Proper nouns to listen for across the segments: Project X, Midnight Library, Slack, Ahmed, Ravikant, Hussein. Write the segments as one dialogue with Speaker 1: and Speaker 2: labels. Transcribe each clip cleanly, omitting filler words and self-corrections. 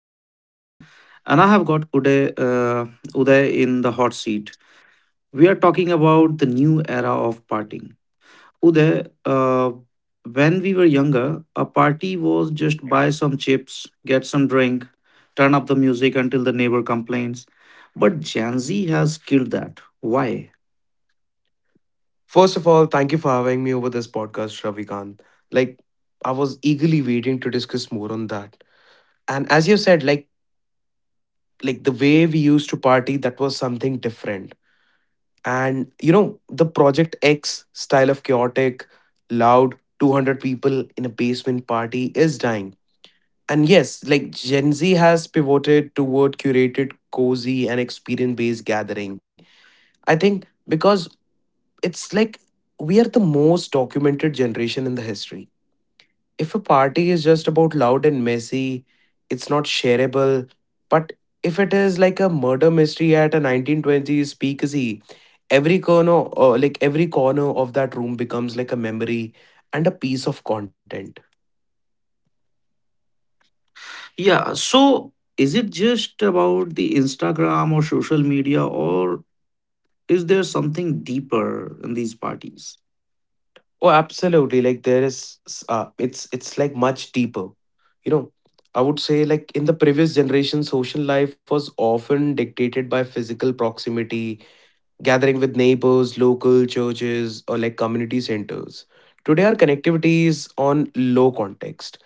Speaker 1: I'm hosting and I have got Uday, Uday in the hot seat. We are talking about the new era of partying. Uday, when we were younger, a party was just buy some chips, get some drink, turn up the music until the neighbor complains. But Gen Z has killed that. Why?
Speaker 2: First of all, thank you for having me over this podcast, Ravikant. Like, I was eagerly waiting to discuss more on that. And as you said, like the way we used to party, that was something different. And you know, the Project X style of chaotic, loud, 200 people in a basement party is dying. And yes, like Gen Z has pivoted toward curated, cozy, and experience-based gathering. I think because it's like we are the most documented generation in the history. If a party is just about loud and messy, it's not shareable. But if it is like a murder mystery at a 1920s speakeasy, like every corner of that room becomes like a memory and a piece of content.
Speaker 1: Yeah, so is it just about the Instagram or social media or is there something deeper in these parties?
Speaker 2: Oh, absolutely! Like it's like much deeper. You know, I would say like in the previous generation, social life was often dictated by physical proximity, gathering with neighbors, local churches, or like community centers. Today, our connectivity is on low context.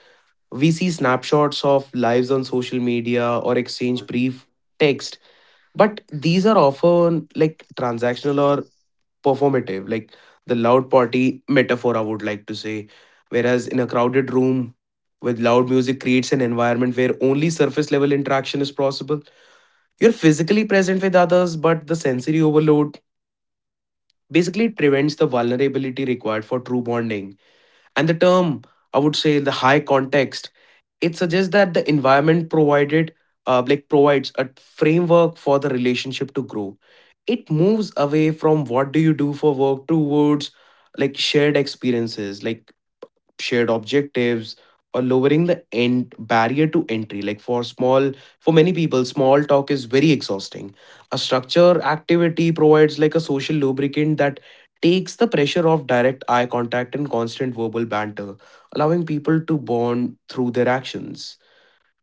Speaker 2: We see snapshots of lives on social media or exchange brief text, but these are often like transactional or performative, like the loud party metaphor, I would like to say. Whereas in a crowded room with loud music creates an environment where only surface level interaction is possible. You're physically present with others, but the sensory overload, basically, it prevents the vulnerability required for true bonding. And the term, I would say, the high context, it suggests that the environment provided, like provides a framework for the relationship to grow. It moves away from what do you do for work towards like shared experiences, like shared objectives, or lowering the end barrier to entry. Like for small, for many people small talk is very exhausting. A structure activity provides like a social lubricant that takes the pressure off direct eye contact and constant verbal banter, allowing people to bond through their actions.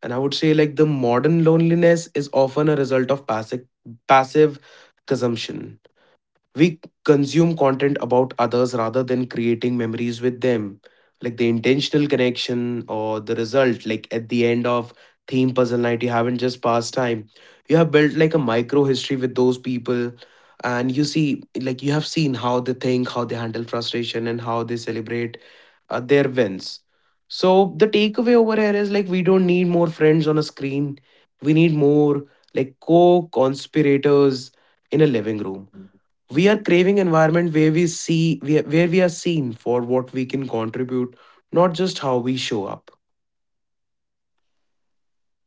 Speaker 2: And I would say like the modern loneliness is often a result of passive consumption. We consume content about others rather than creating memories with them, like the intentional connection or the result like at the end of theme puzzle night. You haven't just passed time, you have built like a micro history with those people. And you see like you have seen how they think, how they handle frustration, and how they celebrate their wins. So the takeaway over here is like we don't need more friends on a screen, we need more like co-conspirators in a living room. We are craving environment where we see, where we are seen for what we can contribute, not just how we show up.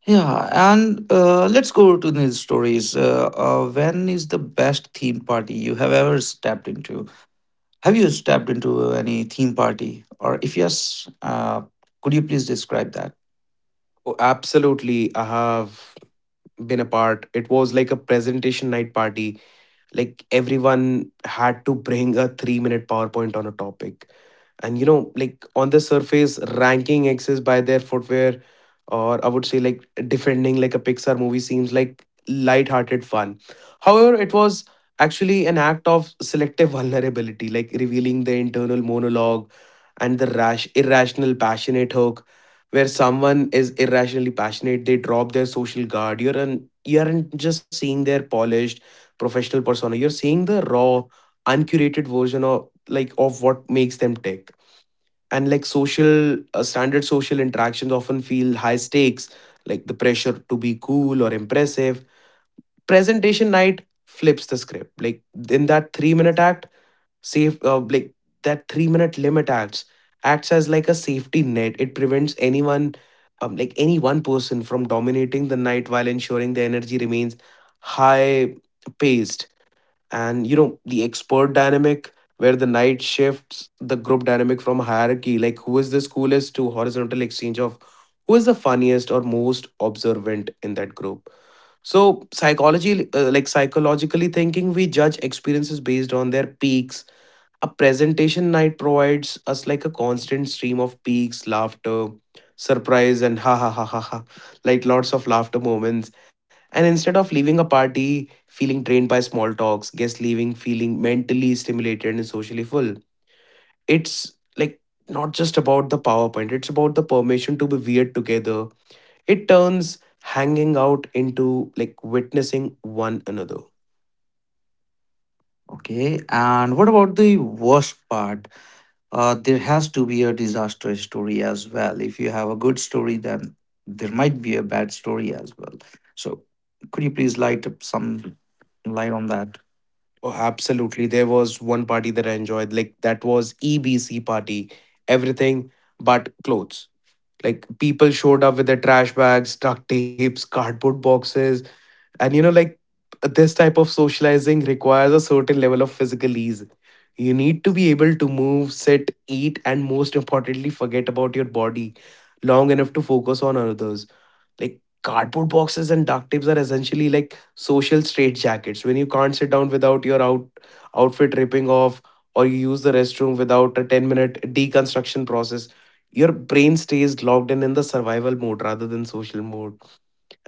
Speaker 1: Yeah, and let's go to these stories. When is the best theme party you have ever stepped into? Have you stepped into any theme party? Or if yes, could you please describe that?
Speaker 2: Oh, absolutely, I have been a part. It was like a presentation night party. Like everyone had to bring a 3-minute powerpoint on a topic. And you know, like on the surface, ranking exes by their footwear or I would say like defending like a Pixar movie seems like light-hearted fun. However, it was actually an act of selective vulnerability, like revealing the internal monologue and the rash irrational passionate hook. Where someone is irrationally passionate, they drop their social guard. You aren't just seeing their polished professional persona, you're seeing the raw uncurated version of like of what makes them tick. And like social standard social interactions often feel high stakes, like the pressure to be cool or impressive. Presentation night flips the script. Like in that 3-minute act, safe like that 3-minute limit acts as like a safety net. It prevents anyone like any one person from dominating the night, while ensuring the energy remains high paced. And you know, the expert dynamic, where the night shifts the group dynamic from hierarchy, like who is the coolest, to horizontal exchange of who is the funniest or most observant in that group. So psychology like psychologically thinking, we judge experiences based on their peaks. A presentation night provides us like a constant stream of peaks, laughter, surprise, and ha ha ha ha ha, like lots of laughter moments. And instead of leaving a party feeling drained by small talks, guests leaving feeling mentally stimulated and socially full. It's like not just about the PowerPoint, it's about the permission to be weird together. It turns hanging out into like witnessing one another.
Speaker 1: Okay, and what about the worst part? There has to be a disaster story as well. If you have a good story, then there might be a bad story as well. So, could you please light up some light on that?
Speaker 2: Oh, absolutely. There was one party that I enjoyed. Like that was EBC party. Everything but clothes. Like people showed up with their trash bags, duct tapes, cardboard boxes, and you know, like this type of socializing requires a certain level of physical ease. You need to be able to move, sit, eat, and most importantly, forget about your body long enough to focus on others. Like cardboard boxes and duct tapes are essentially like social straitjackets. When you can't sit down without your outfit ripping off, or you use the restroom without a 10-minute deconstruction process, your brain stays locked in the survival mode rather than social mode.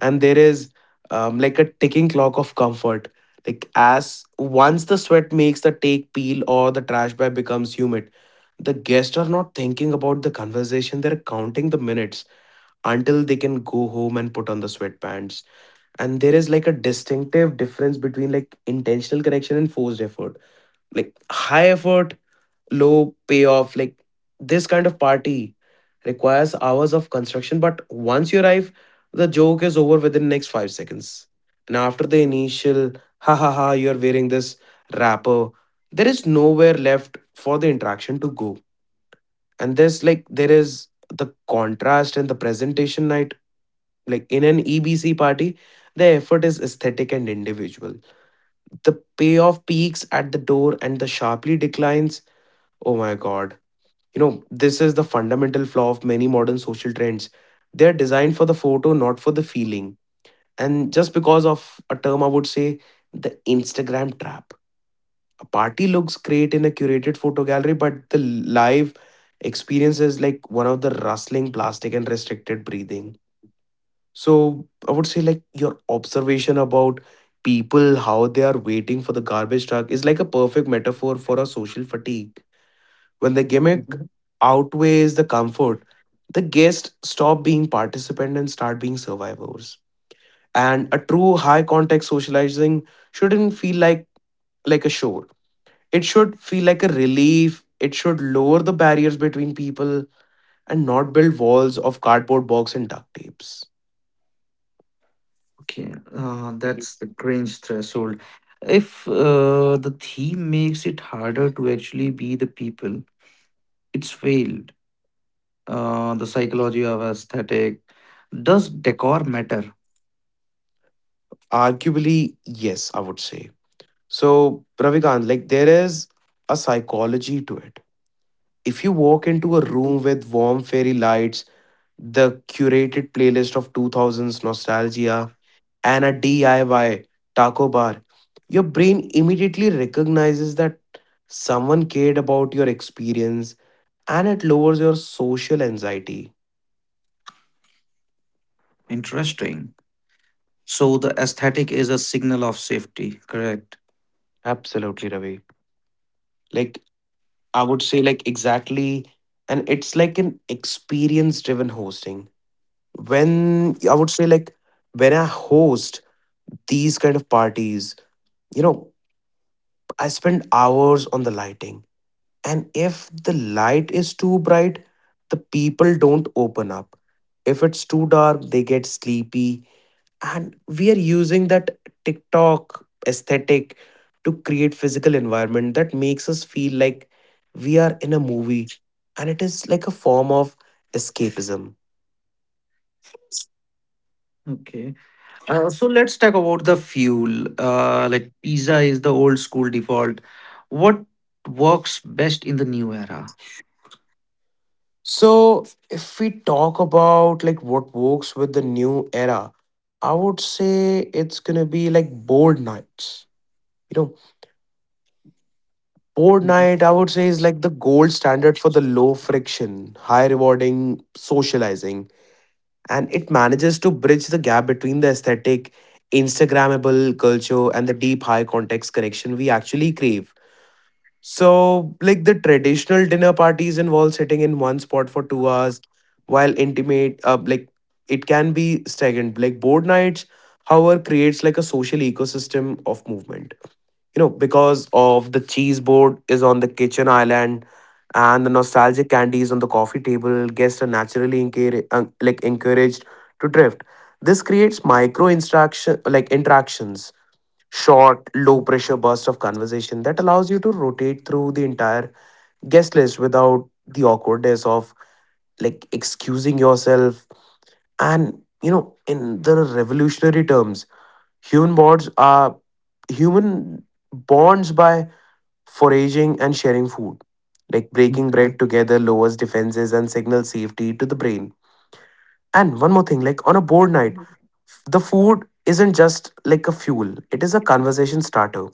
Speaker 2: And there is like a ticking clock of comfort. Like as once the sweat makes the take peel or the trash bag becomes humid, the guests are not thinking about the conversation; they're counting the minutes until they can go home and put on the sweatpants. And there is like a distinctive difference between like intentional connection and forced effort. Like high effort, low payoff. Like this kind of party requires hours of construction, but once you arrive, the joke is over within next 5 seconds. And after the initial ha ha ha, you're wearing this wrapper, there is nowhere left for the interaction to go. And this, like there is the contrast and the presentation I, like in an EBC party, the effort is aesthetic and individual. The payoff peaks at the door and the sharply declines. Oh my god. You know, this is the fundamental flaw of many modern social trends. They're designed for the photo, not for the feeling. And just because of a term, I would say the Instagram trap. A party looks great in a curated photo gallery, but the live experience is like one of the rustling plastic and restricted breathing. So I would say like your observation about people, how they are waiting for the garbage truck, is like a perfect metaphor for a social fatigue. When the gimmick
Speaker 1: Mhm.
Speaker 2: outweighs the comfort, the guests stop being participants and start being survivors. And a true high contact socializing shouldn't feel like a chore. It should feel like a relief. It should lower the barriers between people and not build walls of cardboard box and duct tapes.
Speaker 1: Okay, that's the cringe threshold. If the theme makes it harder to actually be the people, it's failed. The psychology of aesthetic, does decor matter?
Speaker 2: Arguably, yes, I would say. So, Ravikant, like there is a psychology to it. If you walk into a room with warm fairy lights, the curated playlist of 2000s nostalgia, and a DIY taco bar, your brain immediately recognizes that someone cared about your experience and it lowers your social anxiety.
Speaker 1: Interesting. So the aesthetic is a signal of safety, correct?
Speaker 2: Absolutely, Ravi. Like, I would say, like, exactly. And it's like an experience driven hosting. When I would say like when I host these kind of parties, you know, I spend hours on the lighting. And if the light is too bright, the people don't open up. If it's too dark, they get sleepy. And we are using that TikTok aesthetic to create physical environment that makes us feel like we are in a movie. And it is like a form of escapism.
Speaker 1: Okay. So let's talk about the fuel. Like pizza is the old school default. What works best in the new era?
Speaker 2: So, if we talk about like what works with the new era, I would say it's gonna be like board nights. You know, board night I would say is like the gold standard for the low friction, high rewarding socializing, and it manages to bridge the gap between the aesthetic, Instagrammable culture and the deep high context connection we actually crave. So, like the traditional dinner parties involve sitting in one spot for 2 hours, like it can be stagnant. Like board nights, however, creates like a social ecosystem of movement. You know, because of the cheese board is on the kitchen island, and the nostalgic candies on the coffee table, guests are naturally encouraged, like encouraged to drift. This creates micro interaction, like interactions short, low pressure burst of conversation that allows you to rotate through the entire guest list without the awkwardness of like excusing yourself. And you know, in the revolutionary terms, human bonds are human bonds by foraging and sharing food. Like breaking bread together lowers defenses and signals safety to the brain. And one more thing, like on a board night, the food isn't just like a fuel, it is a conversation starter.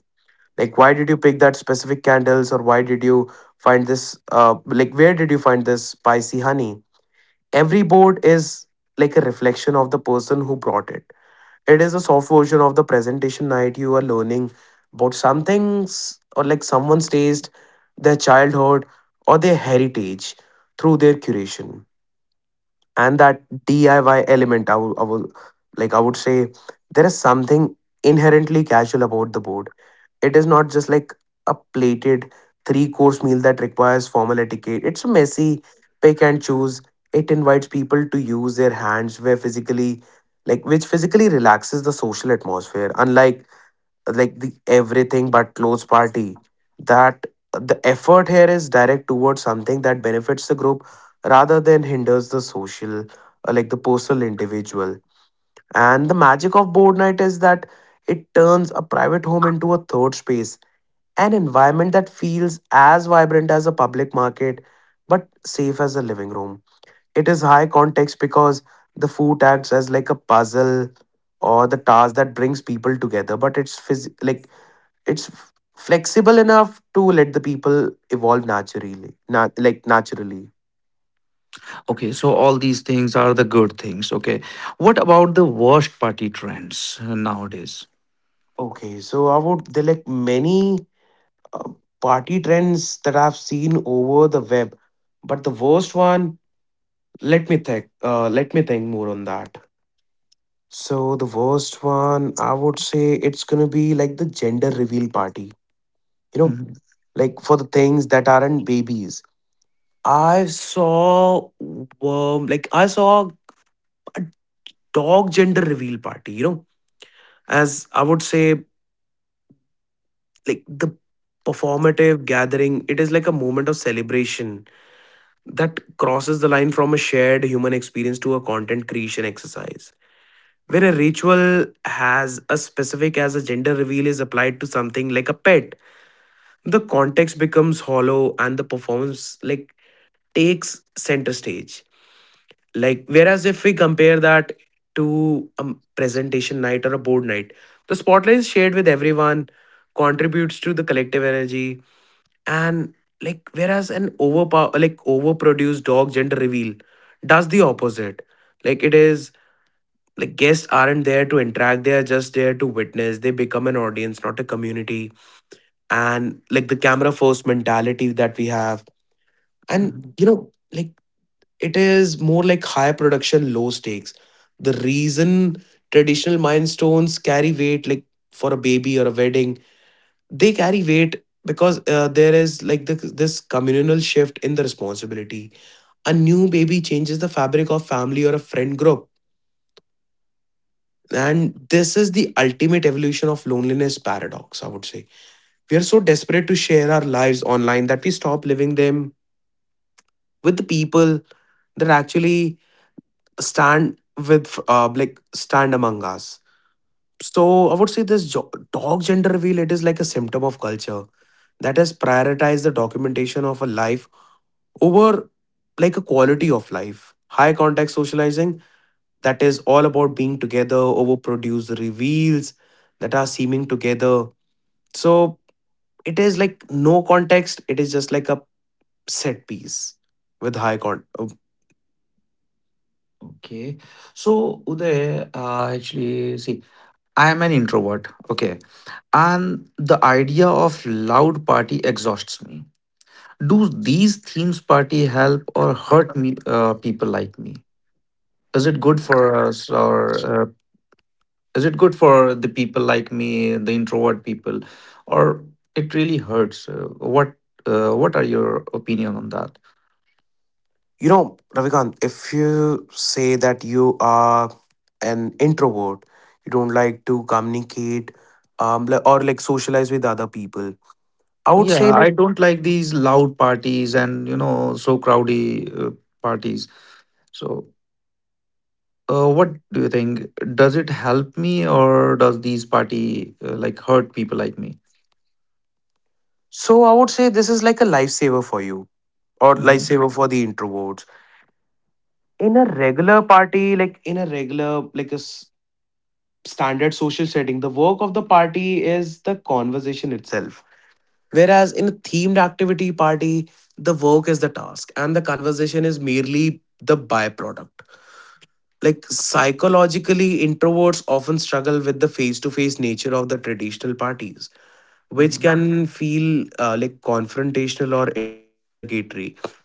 Speaker 2: Like why did you pick that specific candles, or why did you find this where did you find this spicy honey? Every board is like a reflection of the person who brought it. It is a soft version of the presentation night. You are learning about something's, or like someone's taste, their childhood, or their heritage through their curation. And that DIY element, I would like I would say there is something inherently casual about the board. It is not just like a plated three course meal that requires formal etiquette. It's a messy pick and choose. It invites people to use their hands, where physically, like which physically relaxes the social atmosphere, unlike like the everything but clothes party. That The effort here is direct towards something that benefits the group rather than hinders the social, like the personal individual. And the magic of board night is that it turns a private home into a third space, an environment that feels as vibrant as a public market, but safe as a living room. It is high context because the food acts as like a puzzle or the task that brings people together, but it's phys- like it's flexible enough to let the people evolve naturally, like naturally.
Speaker 1: Okay, so all these things are the good things. Okay, what about the worst party trends nowadays?
Speaker 2: Okay, so I would there like many uh, party trends that I've seen over the web, but the worst one. Let me think. Let me think more on that. So the worst one, I would say it's gonna be like the gender reveal party. You know,
Speaker 1: Mhm,
Speaker 2: like for the things that aren't babies. I saw I saw a dog gender reveal party. You know, as I would say, like the performative gathering, it is like a moment of celebration that crosses the line from a shared human experience to a content creation exercise. Where a ritual has a specific as a gender reveal is applied to something like a pet, the context becomes hollow and the performance like takes center stage. Like whereas if we compare that to a presentation night or a board night, the spotlight is shared with everyone, contributes to the collective energy. And like whereas an overpower like overproduced dog gender reveal does the opposite. Like it is like guests aren't there to interact, they are just there to witness. They become an audience, not a community. And like the camera first mentality that we have, and
Speaker 1: mhm.
Speaker 2: you know like it is more like high production, low stakes. The reason traditional milestones carry weight, like for a baby or a wedding, they carry weight because there is like the, this communal shift in the responsibility. A new baby changes the fabric of family or a friend group. And this is the ultimate evolution of loneliness paradox, I would say. We are so desperate to share our lives online that we stop living them with the people that actually stand with, stand among us. So I would say this dog gender reveal, it is like a symptom of culture that has prioritized the documentation of a life over like a quality of life. High contact socializing that is all about being together, overproduce reveals that are seeming together. So it is like no context, it is just like a set piece with high con.
Speaker 1: Okay. So, Uday, actually, see, I am an introvert. Okay. And the idea of loud party exhausts me. Do these themes party help or hurt me, people like me? Is it good for us or uh, is it good for the people like me, the introvert people, or it really hurts? What are your opinion on that?
Speaker 2: You know, Ravikant, if you say that you are an introvert, you don't like to communicate or like socialize with other people, I would say
Speaker 1: Yeah,
Speaker 2: like,
Speaker 1: I don't like these loud parties and you know so crowdy parties. So, what do you think? Does it help me or does these party hurt people like me?
Speaker 2: so I would say this is like a lifesaver for you or
Speaker 1: Mhm,
Speaker 2: lifesaver for the introverts. In a regular party, like in a regular, like a standard social setting, the work of the party is the conversation itself. Whereas in a themed activity party, the work is the task and the conversation is merely the byproduct. Like psychologically, introverts often struggle with the face to face nature of the traditional parties, which
Speaker 1: mhm.
Speaker 2: can feel like confrontational or interrogatory.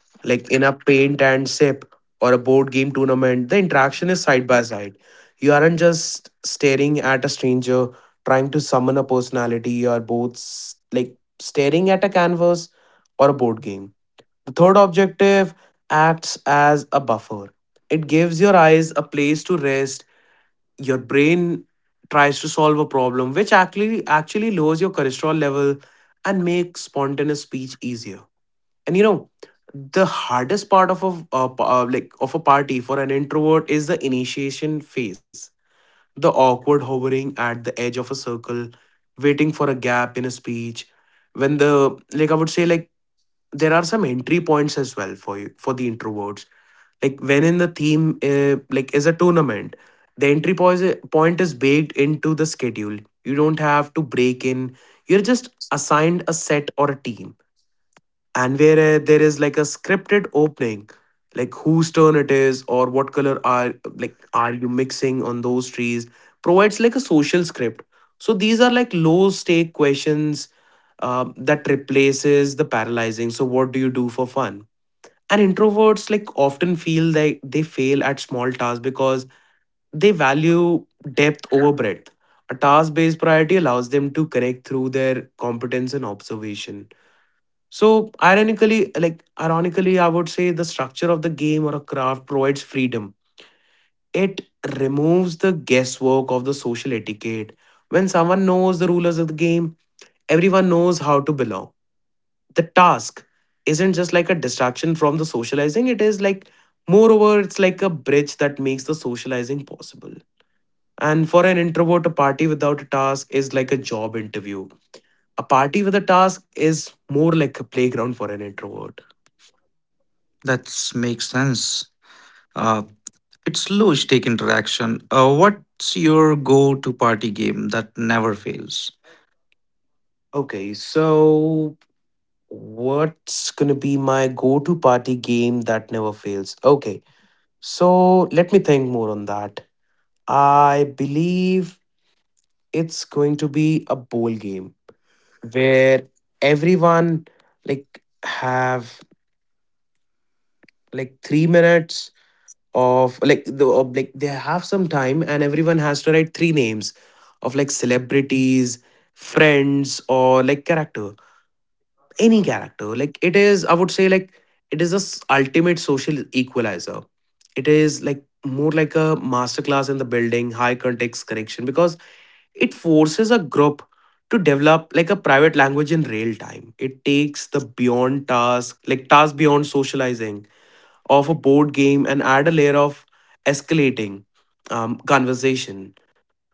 Speaker 2: Like in a paint and sip or a board game tournament, the interaction is side by side. You aren't just staring at a stranger trying to summon a personality. You are both staring at a canvas or a board game. The third objective acts as a buffer. It gives your eyes a place to rest. Your brain tries to solve a problem, which actually lowers your cholesterol level and makes spontaneous speech easier. And you know the hardest part of a of a party for an introvert is the initiation phase, the awkward hovering at the edge of a circle, waiting for a gap in a speech when the like I would say like there are some entry points as well for you, for the introverts. Like when in the theme like is a tournament, the entry point is baked into the schedule. You don't have to break in, you're just assigned a set or a team. And where there is like a scripted opening, like whose turn it is, or what color are like are you mixing on those trees, provides like a social script. So these are like low stake questions that replaces the paralyzing, so what do you do for fun. And introverts like often feel like they fail at small tasks because they value depth over breadth. A task based priority allows them to connect through their competence and observation. So ironically, I would say the structure of the game or a craft provides freedom. It removes the guesswork of the social etiquette. When someone knows the rulers of the game, everyone knows how to belong. The task isn't just like a distraction from the socializing, it is like moreover, it's like a bridge that makes the socializing possible. And for an introvert, a party without a task is like a job interview. A party with a task is more like a playground for an introvert.
Speaker 1: That's makes sense. Uh, it's low stake interaction. What's your go to party game that never fails?
Speaker 2: Okay, so what's gonna be my go to party game that never fails? Okay, so let me think more on that. I believe it's going to be a bowl game where everyone like have like 3 minutes of like they have some time, and everyone has to write three names of like celebrities, friends, or like character, any character. Like it is, I would say like it is the ultimate social equalizer. It is like more like a masterclass in the building high context connection, because it forces a group to develop like a private language in real time. It takes the beyond task like task beyond socializing of a board game and add a layer of escalating conversation.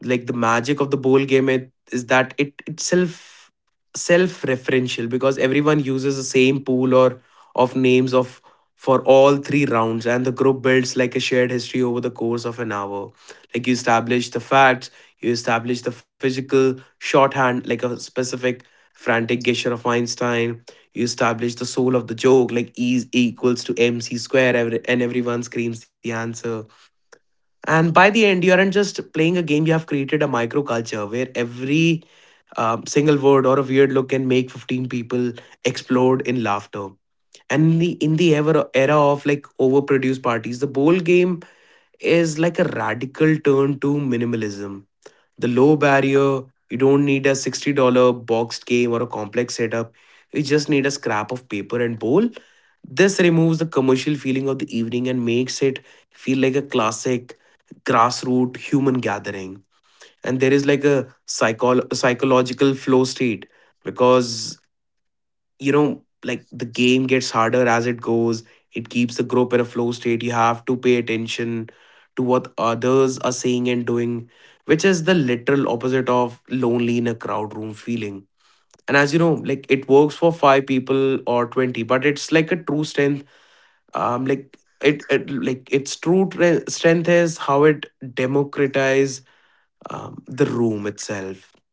Speaker 2: Like the magic of the bowl game, it, is that it itself self-referential, because everyone uses the same pool or of names of for all three rounds, and the group builds like a shared history over the course of an hour. Like you establish the facts, you establish the physical shorthand like a specific frantic gesture of Einstein. You establish the soul of the joke, like E is equals to MC square, and everyone screams the answer. And by the end, you aren't just playing a game, you have created a microculture where every single word or a weird look can make 15 people explode in laughter. And in the era of like overproduced parties, the bowl game is like a radical turn to minimalism. The low barrier, you don't need a $60 boxed game or a complex setup. You just need a scrap of paper and bowl. This removes the commercial feeling of the evening and makes it feel like a classic grassroots human gathering. And there is like a psychological flow state, because you know like the game gets harder as it goes. It keeps the group in a flow state. You have to pay attention to what others are saying and doing, which is the literal opposite of lonely in a crowd room feeling. And as you know, like it works for five people or 20, but it's like a true strength. Like it, it like its true strength is how it democratizes the room itself.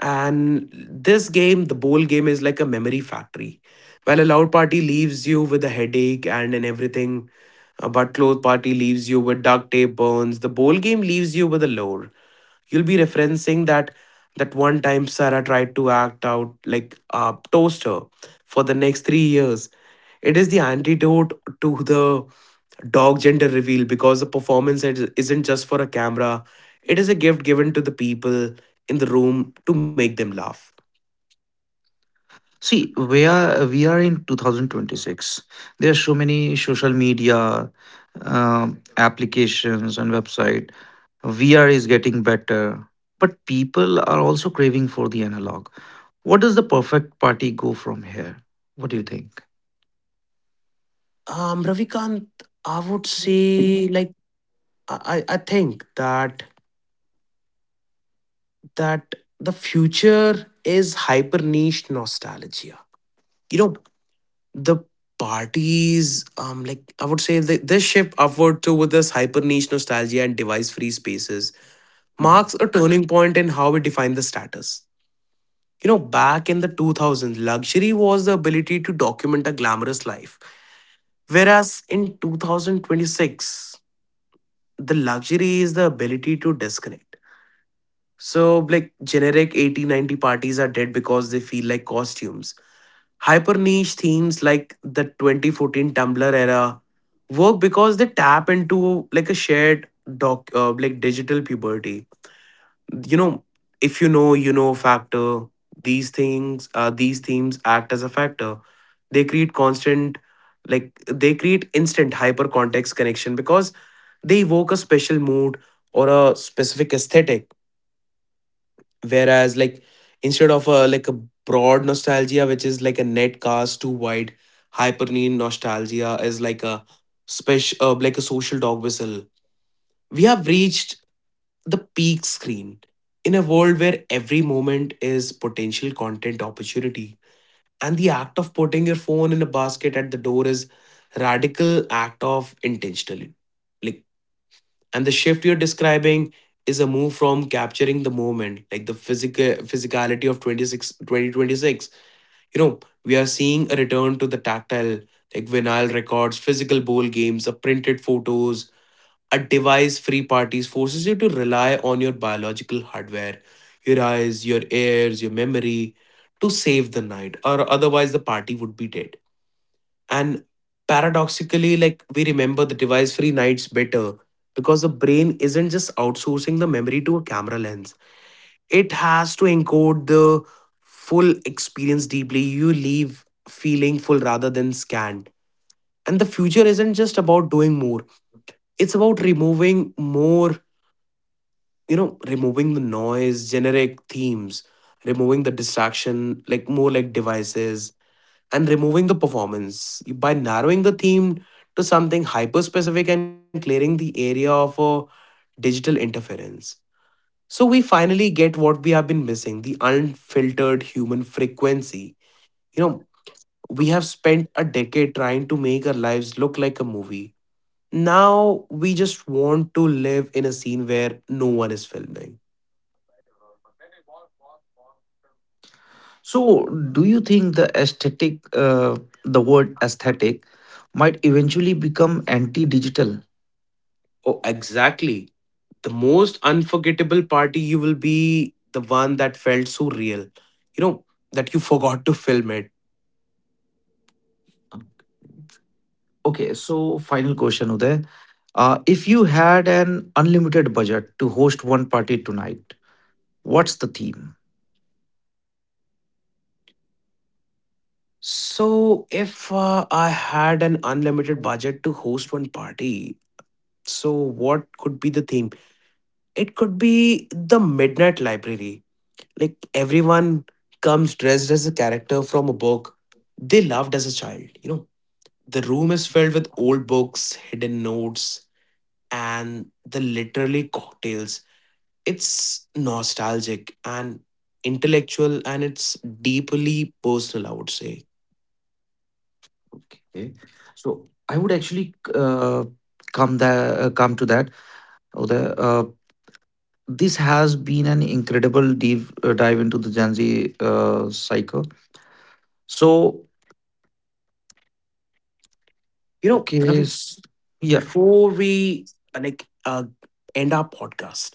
Speaker 2: And this game, the bowl game, is like a memory factory. While a loud party leaves you with a headache and everything, a butt cloth party leaves you with duct tape burns. The bowl game leaves you with a lore you'll be referencing, that one time Sarah tried to act out like a toaster for the next 3 years. It is the antidote to the dog gender reveal because the isn't just for a camera. It is a gift given to the people in the room to make them laugh.
Speaker 1: See, we are in 2026. There are so many social media applications and website. VR is getting better, but people are also craving for the analog. What does the perfect party go from here? What do you think?
Speaker 2: Ravikant, I would say like I think that the future is hyper niche nostalgia. You know, the parties, like I would say this shift upward to with this hyper niche nostalgia and device free spaces marks a turning point in how we define the status. You know, back in the 2000s luxury was the ability to document a glamorous life, whereas in 2026 the luxury is the ability to disconnect. So like generic 80s 90s parties are dead because they feel like costumes. Hyper niche themes like the 2014 Tumblr era work because they tap into like a shared like digital puberty. You know, if you know, you know factor. These things, these themes act as a factor. They create constant, like they create instant hyper context connection because they evoke a special mood or a specific aesthetic, whereas like instead of a like a broad nostalgia, which is like a net cast too wide, hypernean nostalgia is like a special like a social dog whistle. We have reached the peak screen. In a world where every moment is potential content opportunity, and the act of putting your phone in a basket at the door is radical act of intentionally. Like. And the shift you're describing is a move from capturing the moment, like the physicality of 26, 2026. You know, we are seeing a return to the tactile, like vinyl records, physical bowl games, the printed photos. A device-free parties forces you to rely on your biological hardware, your eyes, your ears, your memory, to save the night, or otherwise the party would be dead. And paradoxically, like we remember the device free nights better because the brain isn't just outsourcing the memory to a camera lens, it has to encode the full experience deeply. You leave feeling full rather than scanned. And the future isn't just about doing more, it's about removing more, you know, removing the noise, generic themes, removing the distraction, like more like devices, and removing the performance. By narrowing the theme to something hyper specific and clearing the area of a digital interference. So we finally get what we have been missing, the unfiltered human frequency. You know, we have spent a decade trying to make our lives look like a movie. Now we just want to live in a scene where no one is filming.
Speaker 1: So, do you think the aesthetic, the word aesthetic, might eventually become anti digital?
Speaker 2: Oh, exactly. The most unforgettable party you will be the one that felt so real, you know, that you forgot to film it.
Speaker 1: Okay, so final question, Uday. If you had an unlimited budget to host one party tonight, what's the theme?
Speaker 2: So, if I had an unlimited budget to host one party, so what could be the theme? It could be the Midnight Library. Like, everyone comes dressed as a character from a book they loved as a child, you know. The room is filled with old books, hidden notes, and the literally cocktails. It's nostalgic and intellectual and it's deeply personal, I would say.
Speaker 1: Okay, so I would actually come to that. Uday. This has been an incredible deep dive into the Gen Z cycle. So,
Speaker 2: You know,
Speaker 1: okay,
Speaker 2: Ravi,
Speaker 1: yeah.
Speaker 2: before we uh, like uh, end our podcast,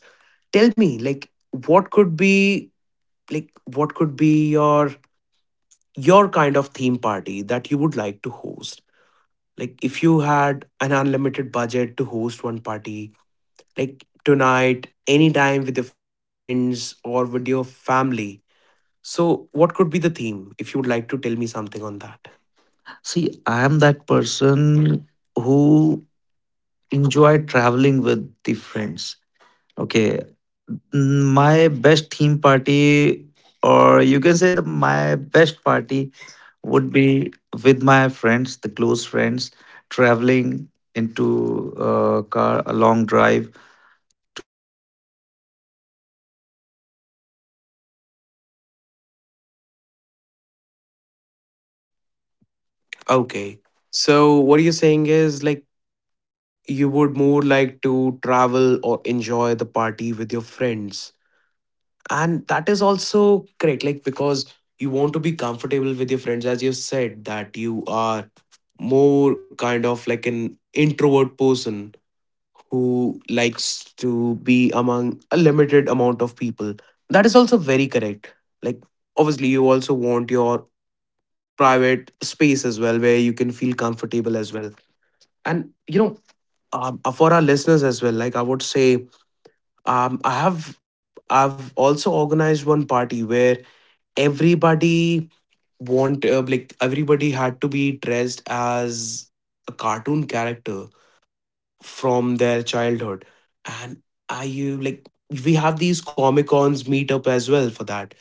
Speaker 2: tell me like what could be like what could be your kind of theme party that you would like to host? Like if you had an unlimited budget to host one party, like tonight, anytime with your friends or with your family. So, what could be the theme if you would like to tell me something on that?
Speaker 1: See, I am that person who enjoy traveling with the friends. Okay, Mm, my best theme party, or you can say the my best party would be with my friends, the close friends, traveling into
Speaker 2: Okay. So, what you're saying is like you would more like to travel or enjoy the party with your friends. And that is also great, like because you want to be comfortable with your friends, as you said, that you are more kind of like an introvert person who likes to be among a limited amount of people. That is also very correct. Like, obviously, you also want your private space as well where you can feel comfortable as well. And you know, for our listeners as well, like I would say, um, i have I've also organized one party where everybody want like everybody had to be dressed as a cartoon character from their childhood. And I you like we have these comic cons meet up as well for that.